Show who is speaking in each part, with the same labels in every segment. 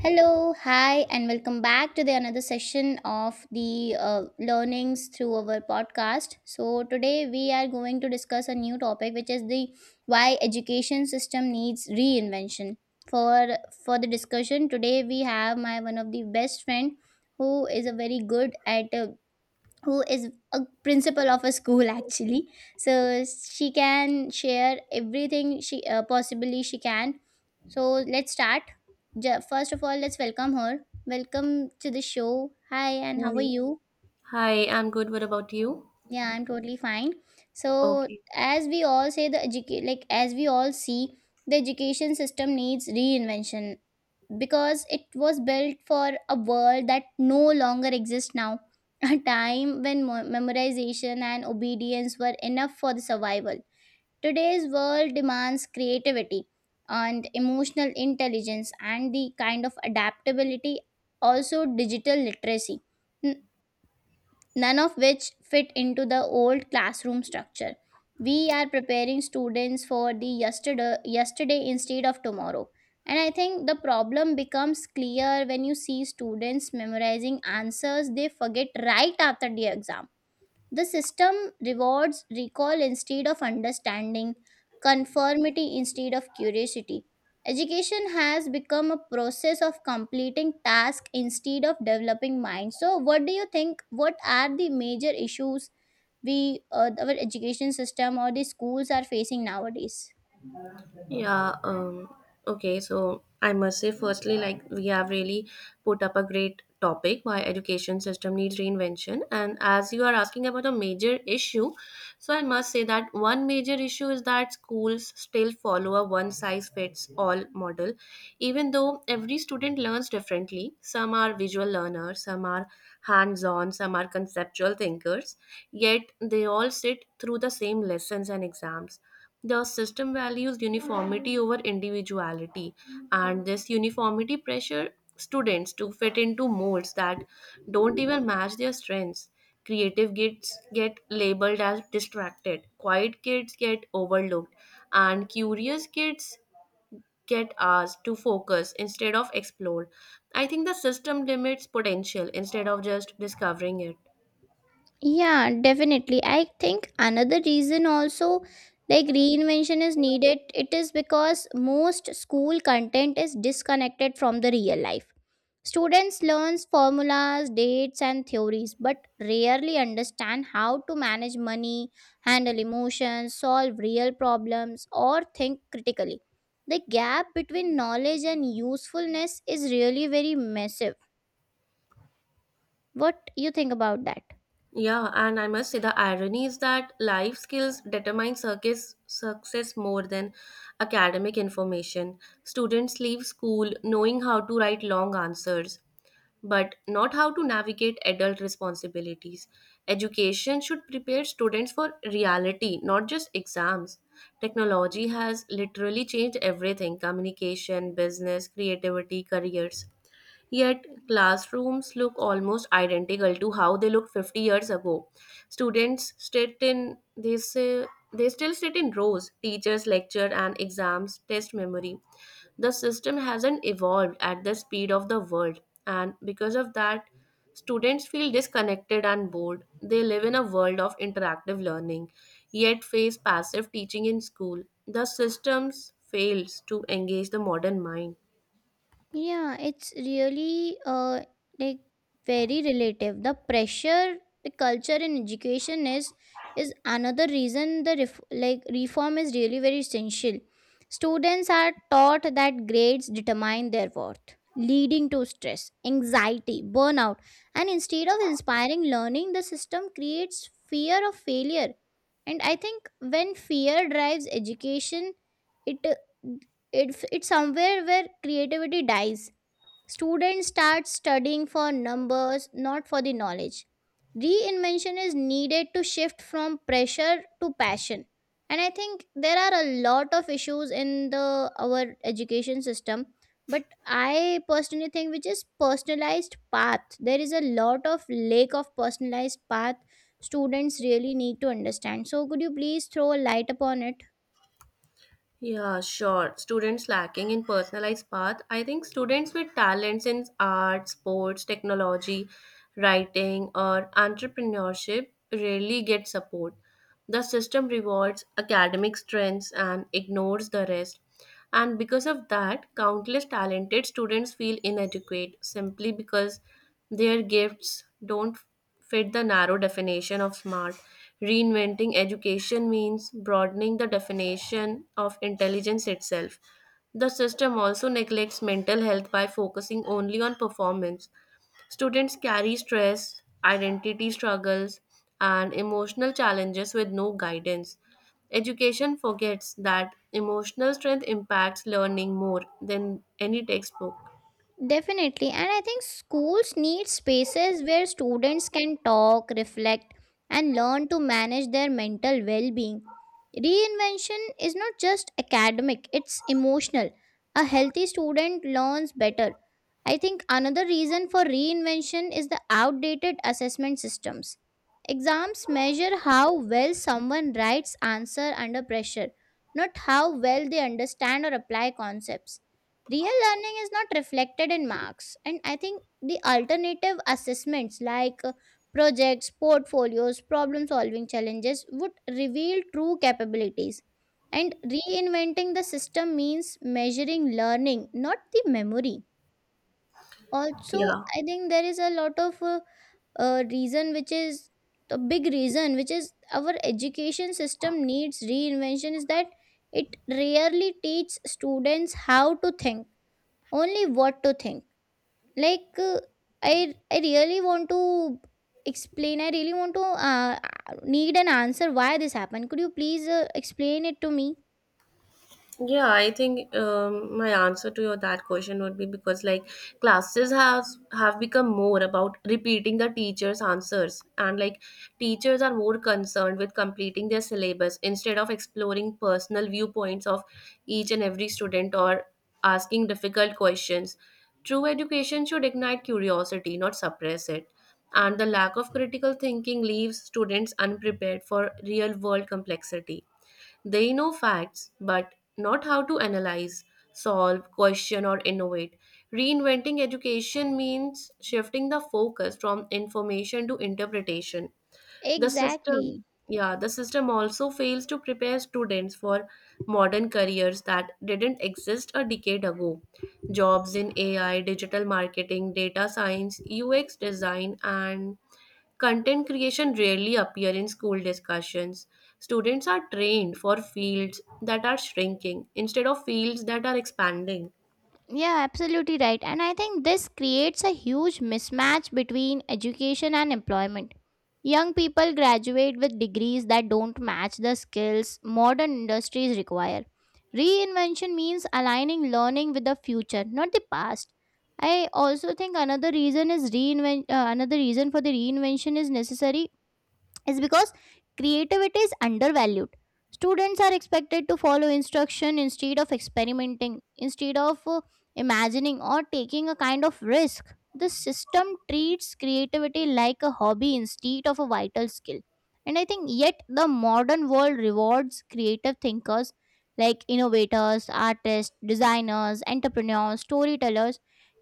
Speaker 1: Hello, hi, and welcome back to the another session of the learnings through our podcast. So today we are going to discuss a new topic, which is the why education system needs reinvention. For for the discussion today, we have my one of the best friend who is a very good at who is a principal of a school actually so she can share everything she possibly she can, so let's start. First of all let's welcome her. Welcome to the show. Hi, and how
Speaker 2: Hi.
Speaker 1: are you?
Speaker 2: Hi, I'm good. What about you?
Speaker 1: Yeah, I'm totally fine. So
Speaker 2: Okay.
Speaker 1: as we all see, the education system needs reinvention because it was built for a world that no longer exists now, a time when memorization and obedience were enough for the survival. Today's world demands creativity and emotional intelligence and the kind of adaptability, also digital literacy, none of which fit into the old classroom structure. We are preparing students for the yesterday, yesterday, instead of tomorrow. And I think the problem becomes clear when you see students memorizing answers they forget right after the exam. The system rewards recall instead of understanding, conformity instead of curiosity. Education has become a process of completing tasks instead of developing minds. So, what do you think? What are the major issues our education system or the schools are facing nowadays?
Speaker 2: Yeah, um, okay, so I must say, firstly, like we have really put up a great topic why education system needs reinvention. And as you are asking about a major issue, so I must say that one major issue is that schools still follow a one size fits all model, even though every student learns differently. Some are visual learners, some are hands on, some are conceptual thinkers, yet they all sit through the same lessons and exams. The system values uniformity over individuality, and this uniformity pressure students to fit into molds that don't even match their strengths. Creative kids get labeled as distracted, quiet kids get overlooked, and curious kids get asked to focus instead of explore. I think the system limits potential instead of just discovering it.
Speaker 1: Yeah, definitely. I think another reason also like reinvention is needed. It is because most school content is disconnected from the real life. Students learns formulas, dates and theories but rarely understand how to manage money, handle emotions, solve real problems or think critically. The gap between knowledge and usefulness is really very massive. What you think about that?
Speaker 2: Yeah, and I must say the irony is that life skills determine circus success more than academic information. Students leave school knowing how to write long answers, but not how to navigate adult responsibilities. Education should prepare students for reality, not just exams. Technology has literally changed everything: communication, business, creativity, careers. Yet, classrooms look almost identical to how they looked 50 years ago. Students sit in this, They still sit in rows, teachers lecture and exams test memory. The system hasn't evolved at the speed of the world, and because of that, students feel disconnected and bored. They live in a world of interactive learning, yet face passive teaching in school. The systems fails to engage the modern mind.
Speaker 1: Yeah, it's really like very relative. The pressure, the culture in education is another reason the reform is really very essential. Students are taught that grades determine their worth, leading to stress, anxiety, burnout, and instead of inspiring learning, the system creates fear of failure. And I think when fear drives education, it uh, it's somewhere where creativity dies. Students start studying for numbers, not for the knowledge. Reinvention is needed to shift from pressure to passion. And I think there are a lot of issues in the our education system, but I personally think which is personalized path, there is a lot of lack of personalized path students really need to understand. So could you please throw a light upon it?
Speaker 2: Yeah, sure. Students lacking in personalized path. I think students with talents in art, sports, technology, writing, or entrepreneurship rarely get support. The system rewards academic strengths and ignores the rest. And because of that, countless talented students feel inadequate simply because their gifts don't fit the narrow definition of smart. Reinventing education means broadening the definition of intelligence itself. The system also neglects mental health by focusing only on performance. Students carry stress, identity struggles, and emotional challenges with no guidance. Education forgets that emotional strength impacts learning more than any textbook.
Speaker 1: Definitely. And I think schools need spaces where students can talk, reflect, and learn to manage their mental well being. Reinvention is not just academic, it's emotional. A healthy student learns better. I think another reason for reinvention is the outdated assessment systems. Exams measure how well someone writes answer under pressure, not how well they understand or apply concepts. Real learning is not reflected in marks, and I think the alternative assessments, like projects, portfolios, problem solving challenges, would reveal true capabilities. And reinventing the system means measuring learning, not the memory. Also,
Speaker 2: Yeah.
Speaker 1: I think there is a lot of reason, which is the big reason, which is our education system needs reinvention, is that it rarely teaches students how to think, only what to think. Like uh, i i really want to explain. I really want to need an answer why this happened. Could you please explain it to me?
Speaker 2: Yeah, I think My answer to your that question would be because like classes have become more about repeating the teacher's answers, and like teachers are more concerned with completing their syllabus instead of exploring personal viewpoints of each and every student or asking difficult questions. True education should ignite curiosity, not suppress it. And the lack of critical thinking leaves students unprepared for real world complexity. They know facts, but not how to analyze, solve, question, or innovate. Reinventing education means shifting the focus from information to interpretation. The system,
Speaker 1: Exactly.
Speaker 2: yeah, the system also fails to prepare students for modern careers that didn't exist a decade ago. Jobs in AI, digital marketing, data science, UX design, and content creation rarely appear in school discussions. Students are trained for fields that are shrinking instead of fields that are expanding.
Speaker 1: Yeah, absolutely right. And I think this creates a huge mismatch between education and employment. Young people graduate with degrees that don't match the skills modern industries require. Reinvention means aligning learning with the future, not the past. I also think another reason for the reinvention is necessary is because creativity is undervalued. Students are expected to follow instruction instead of experimenting, instead of imagining or taking a kind of risk. The system treats creativity like a hobby instead of a vital skill. And I think yet the modern world rewards creative thinkers like innovators, artists, designers, entrepreneurs, storytellers.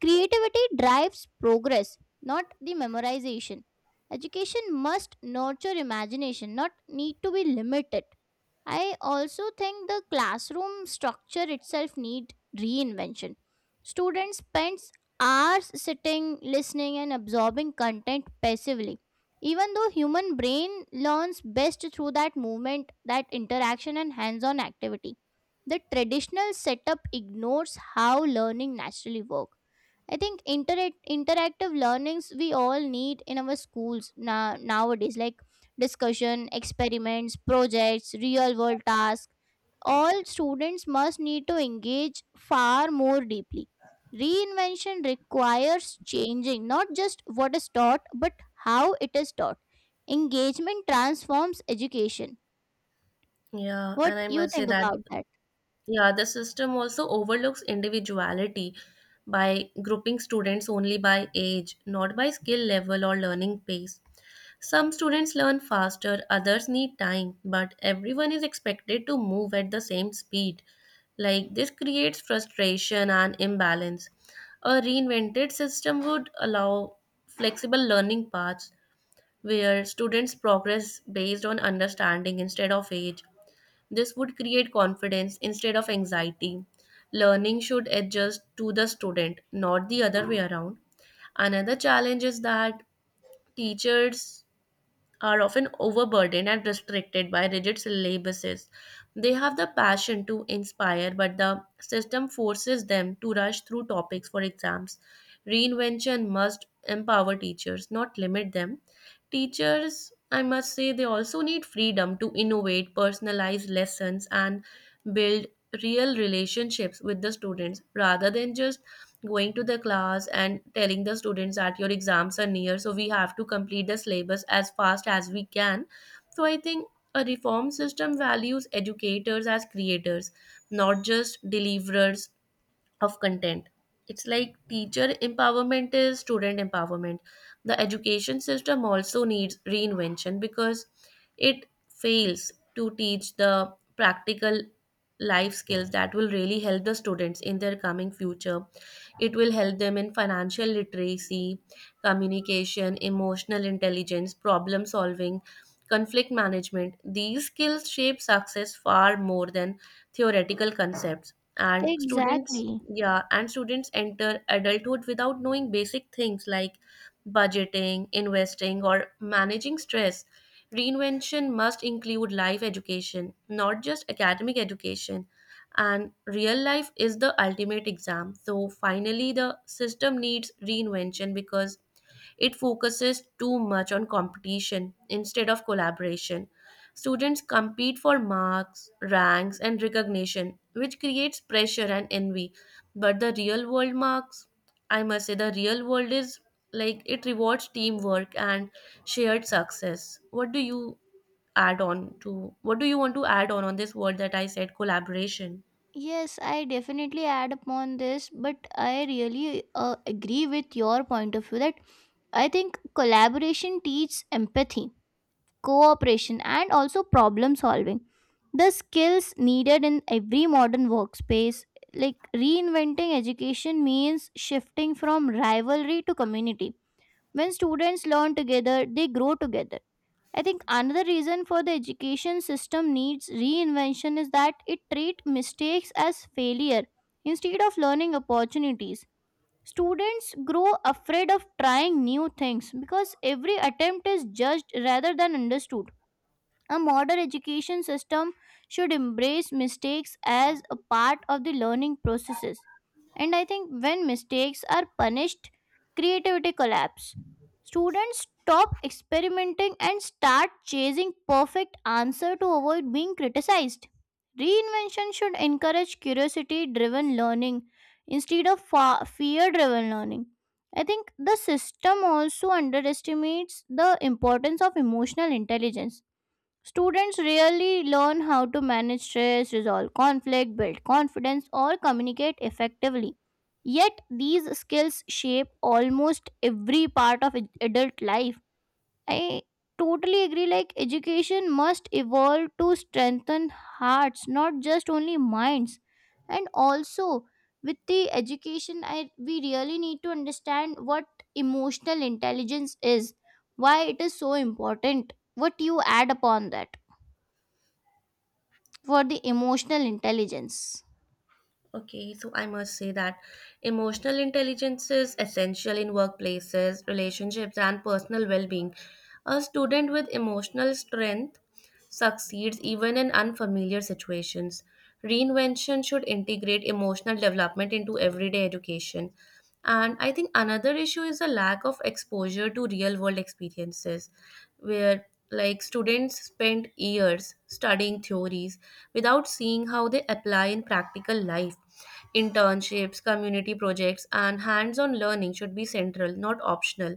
Speaker 1: Creativity drives progress, not the memorization. Education must nurture imagination, not need to be limited. I also think the classroom structure itself need reinvention. Students spends hours sitting, listening and absorbing content passively. Even though human brain learns best through that movement, that interaction and hands-on activity. The traditional setup ignores how learning naturally works. I think interactive learnings we all need in our schools now nowadays, like discussion, experiments, projects, real world tasks. All students must need to engage far more deeply. Reinvention requires changing not just what is taught but how it is taught. Engagement transforms education.
Speaker 2: Yeah,
Speaker 1: What
Speaker 2: and I
Speaker 1: you
Speaker 2: must say
Speaker 1: think
Speaker 2: that
Speaker 1: about that?
Speaker 2: Yeah, the system also overlooks individuality by grouping students only by age, not by skill level or learning pace. Some students learn faster, others need time, but everyone is expected to move at the same speed. Like this creates frustration and imbalance. A reinvented system would allow flexible learning paths where students progress based on understanding instead of age. This would create confidence instead of anxiety. Learning should adjust to the student, not the other way around. Another challenge is that teachers are often overburdened and restricted by rigid syllabuses. They have the passion to inspire, but the system forces them to rush through topics for exams. Reinvention must empower teachers, not limit them. Teachers, I must say, they also need freedom to innovate, personalize lessons, and build real relationships with the students rather than just going to the class and telling the students that your exams are near, so we have to complete the syllabus as fast as we can. So I think a reform system values educators as creators, not just deliverers of content. It's like teacher empowerment is student empowerment. The education system also needs reinvention because it fails to teach the practical life skills that will really help the students in their coming future. It will help them in financial literacy, communication, emotional intelligence, problem solving, conflict management. These skills shape success far more than theoretical concepts, and students,
Speaker 1: Exactly.
Speaker 2: yeah, and students enter adulthood without knowing basic things like budgeting, investing, or managing stress. Reinvention must include life education, not just academic education. And real life is the ultimate exam. So, finally, the system needs reinvention because it focuses too much on competition instead of collaboration. Students compete for marks, ranks, and recognition, which creates pressure and envy. But the real world marks, I must say, the real world is like it rewards teamwork and shared success. What do you add on to? What do you want to add on this word that I said, collaboration?
Speaker 1: Yes, I definitely add upon this, but I really agree with your point of view that I think collaboration teaches empathy, cooperation, and also problem solving. The skills needed in every modern workspace, like reinventing education, means shifting from rivalry to community. When students learn together, they grow together. I think another reason for the education system needs reinvention is that it treats mistakes as failure instead of learning opportunities. Students grow afraid of trying new things because every attempt is judged rather than understood. A modern education system should embrace mistakes as a part of the learning processes. And I think when mistakes are punished, creativity collapse. Students stop experimenting and start chasing perfect answer to avoid being criticized. Reinvention should encourage curiosity driven learning instead of fear driven learning. I think the system also underestimates the importance of emotional intelligence. Students really learn how to manage stress, resolve conflict, build confidence, or communicate effectively. Yet, these skills shape almost every part of adult life. I totally agree, like, education must evolve to strengthen hearts, not just only minds. And also, with the education, we really need to understand what emotional intelligence is, why it is so important, what you add upon that for the emotional intelligence.
Speaker 2: Okay, so I must say that emotional intelligence is essential in workplaces, relationships, and personal well being. A student with emotional strength succeeds even in unfamiliar situations. Reinvention should integrate emotional development into everyday education. And I think another issue is the lack of exposure to real world experiences, where like students spend years studying theories without seeing how they apply in practical life. Internships, community projects, and hands on learning should be central, not optional.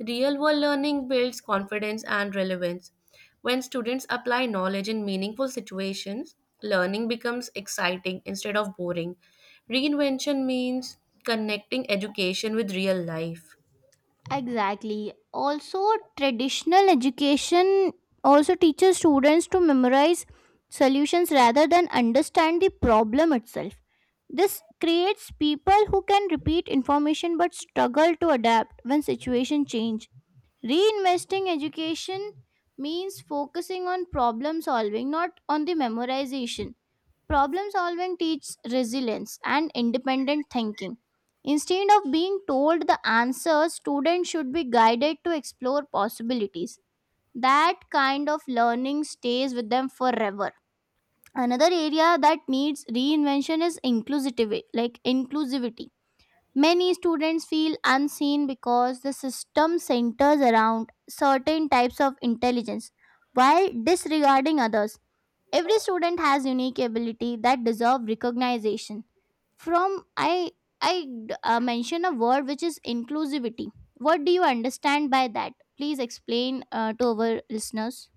Speaker 2: Real world learning builds confidence and relevance. When students apply knowledge in meaningful situations, learning becomes exciting instead of boring. Reinvention means connecting education with real life.
Speaker 1: Exactly. Also, traditional education also teaches students to memorize solutions rather than understand the problem itself. This creates people who can repeat information but struggle to adapt when situation change. Reinvesting education means focusing on problem solving, not on the memorization. Problem solving teaches resilience and independent thinking. Instead of being told the answers, students should be guided to explore possibilities. That kind of learning stays with them forever. Another area that needs reinvention is inclusivity, like inclusivity. Many students feel unseen because the system centers around certain types of intelligence while disregarding others. Every student has unique ability that deserve recognition. From I mention a word which is inclusivity. What do you understand by that? Please explain to our listeners.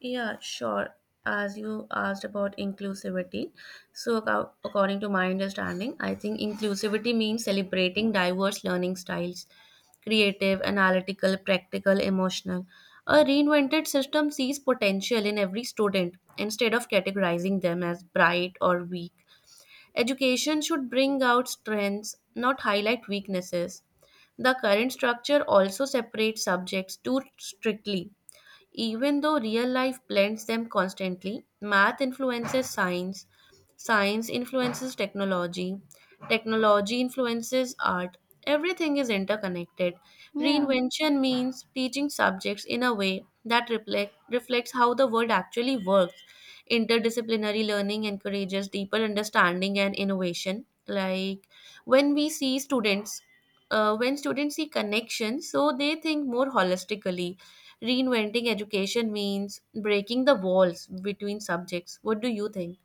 Speaker 2: Yeah, sure. As you asked about inclusivity, so according to my understanding, I think inclusivity means celebrating diverse learning styles: creative, analytical, practical, emotional. A reinvented system sees potential in every student instead of categorizing them as bright or weak. Education should bring out strengths, not highlight weaknesses. The current structure also separates subjects too strictly, even though real life blends them constantly. Math influences science, science influences technology, technology influences art. Everything is interconnected.
Speaker 1: Yeah.
Speaker 2: Reinvention means teaching subjects in a way that reflects how the world actually works. Interdisciplinary learning encourages deeper understanding and innovation. When we see students when students see connections, so they think more holistically. Reinventing education means breaking the walls between subjects. What do you think?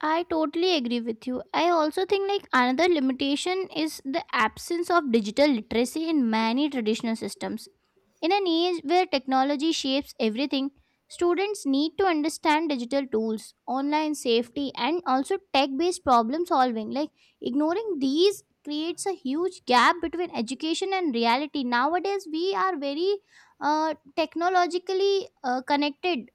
Speaker 1: I totally agree with you. I also think like another limitation is the absence of digital literacy in many traditional systems. In an age where technology shapes everything, students need to understand digital tools, online safety and also tech-based problem solving. Like ignoring these creates a huge gap between education and reality. Nowadays we are very technologically connected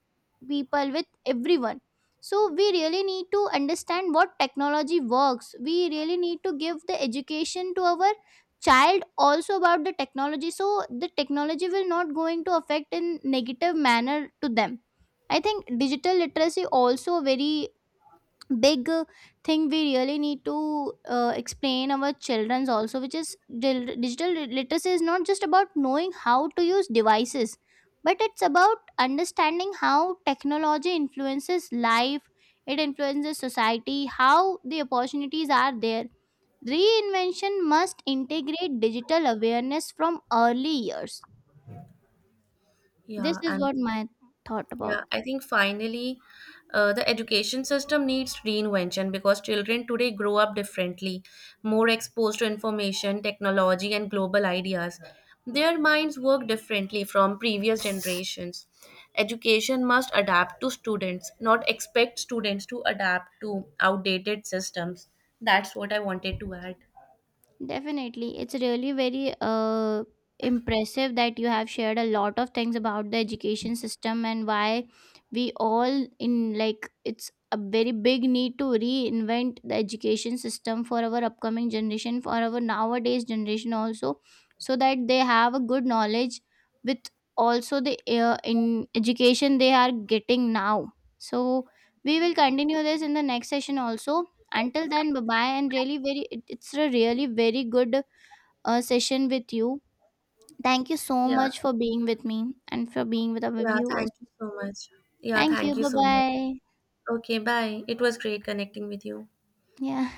Speaker 1: people with everyone, so we really need to understand what technology works. We really need to give the education to our child also about the technology so the technology will not going to affect in negative manner to them. I think digital literacy also very big thing we really need to explain our children's also, which is digital literacy is not just about knowing how to use devices but it's about understanding how technology influences life, it influences society, how the opportunities are there. Reinvention must integrate digital awareness from early years. This
Speaker 2: Yeah,
Speaker 1: is
Speaker 2: and
Speaker 1: what my thought
Speaker 2: Yeah,
Speaker 1: about.
Speaker 2: I think finally, the education system needs reinvention because children today grow up differently, more exposed to information, technology, and global ideas. Their minds work differently from previous generations. Education must adapt to students, not expect students to adapt to outdated systems. That's what I wanted to add.
Speaker 1: Definitely. It's really very impressive that you have shared a lot of things about the education system and why we all in like it's a very big need to reinvent the education system for our upcoming generation, for our nowadays generation also, so that they have a good knowledge with also the in education they are getting now. So we will continue this in the next session also. Until then, bye bye, and really very it's a really very good session with you. Thank you so
Speaker 2: Yeah,
Speaker 1: much for being with me and for being with our
Speaker 2: yeah,
Speaker 1: viewers.
Speaker 2: thank you so much. Yeah,
Speaker 1: Thank you.
Speaker 2: thank you
Speaker 1: Bye
Speaker 2: so much.
Speaker 1: bye.
Speaker 2: Okay, bye. It was great connecting with you.
Speaker 1: Yeah.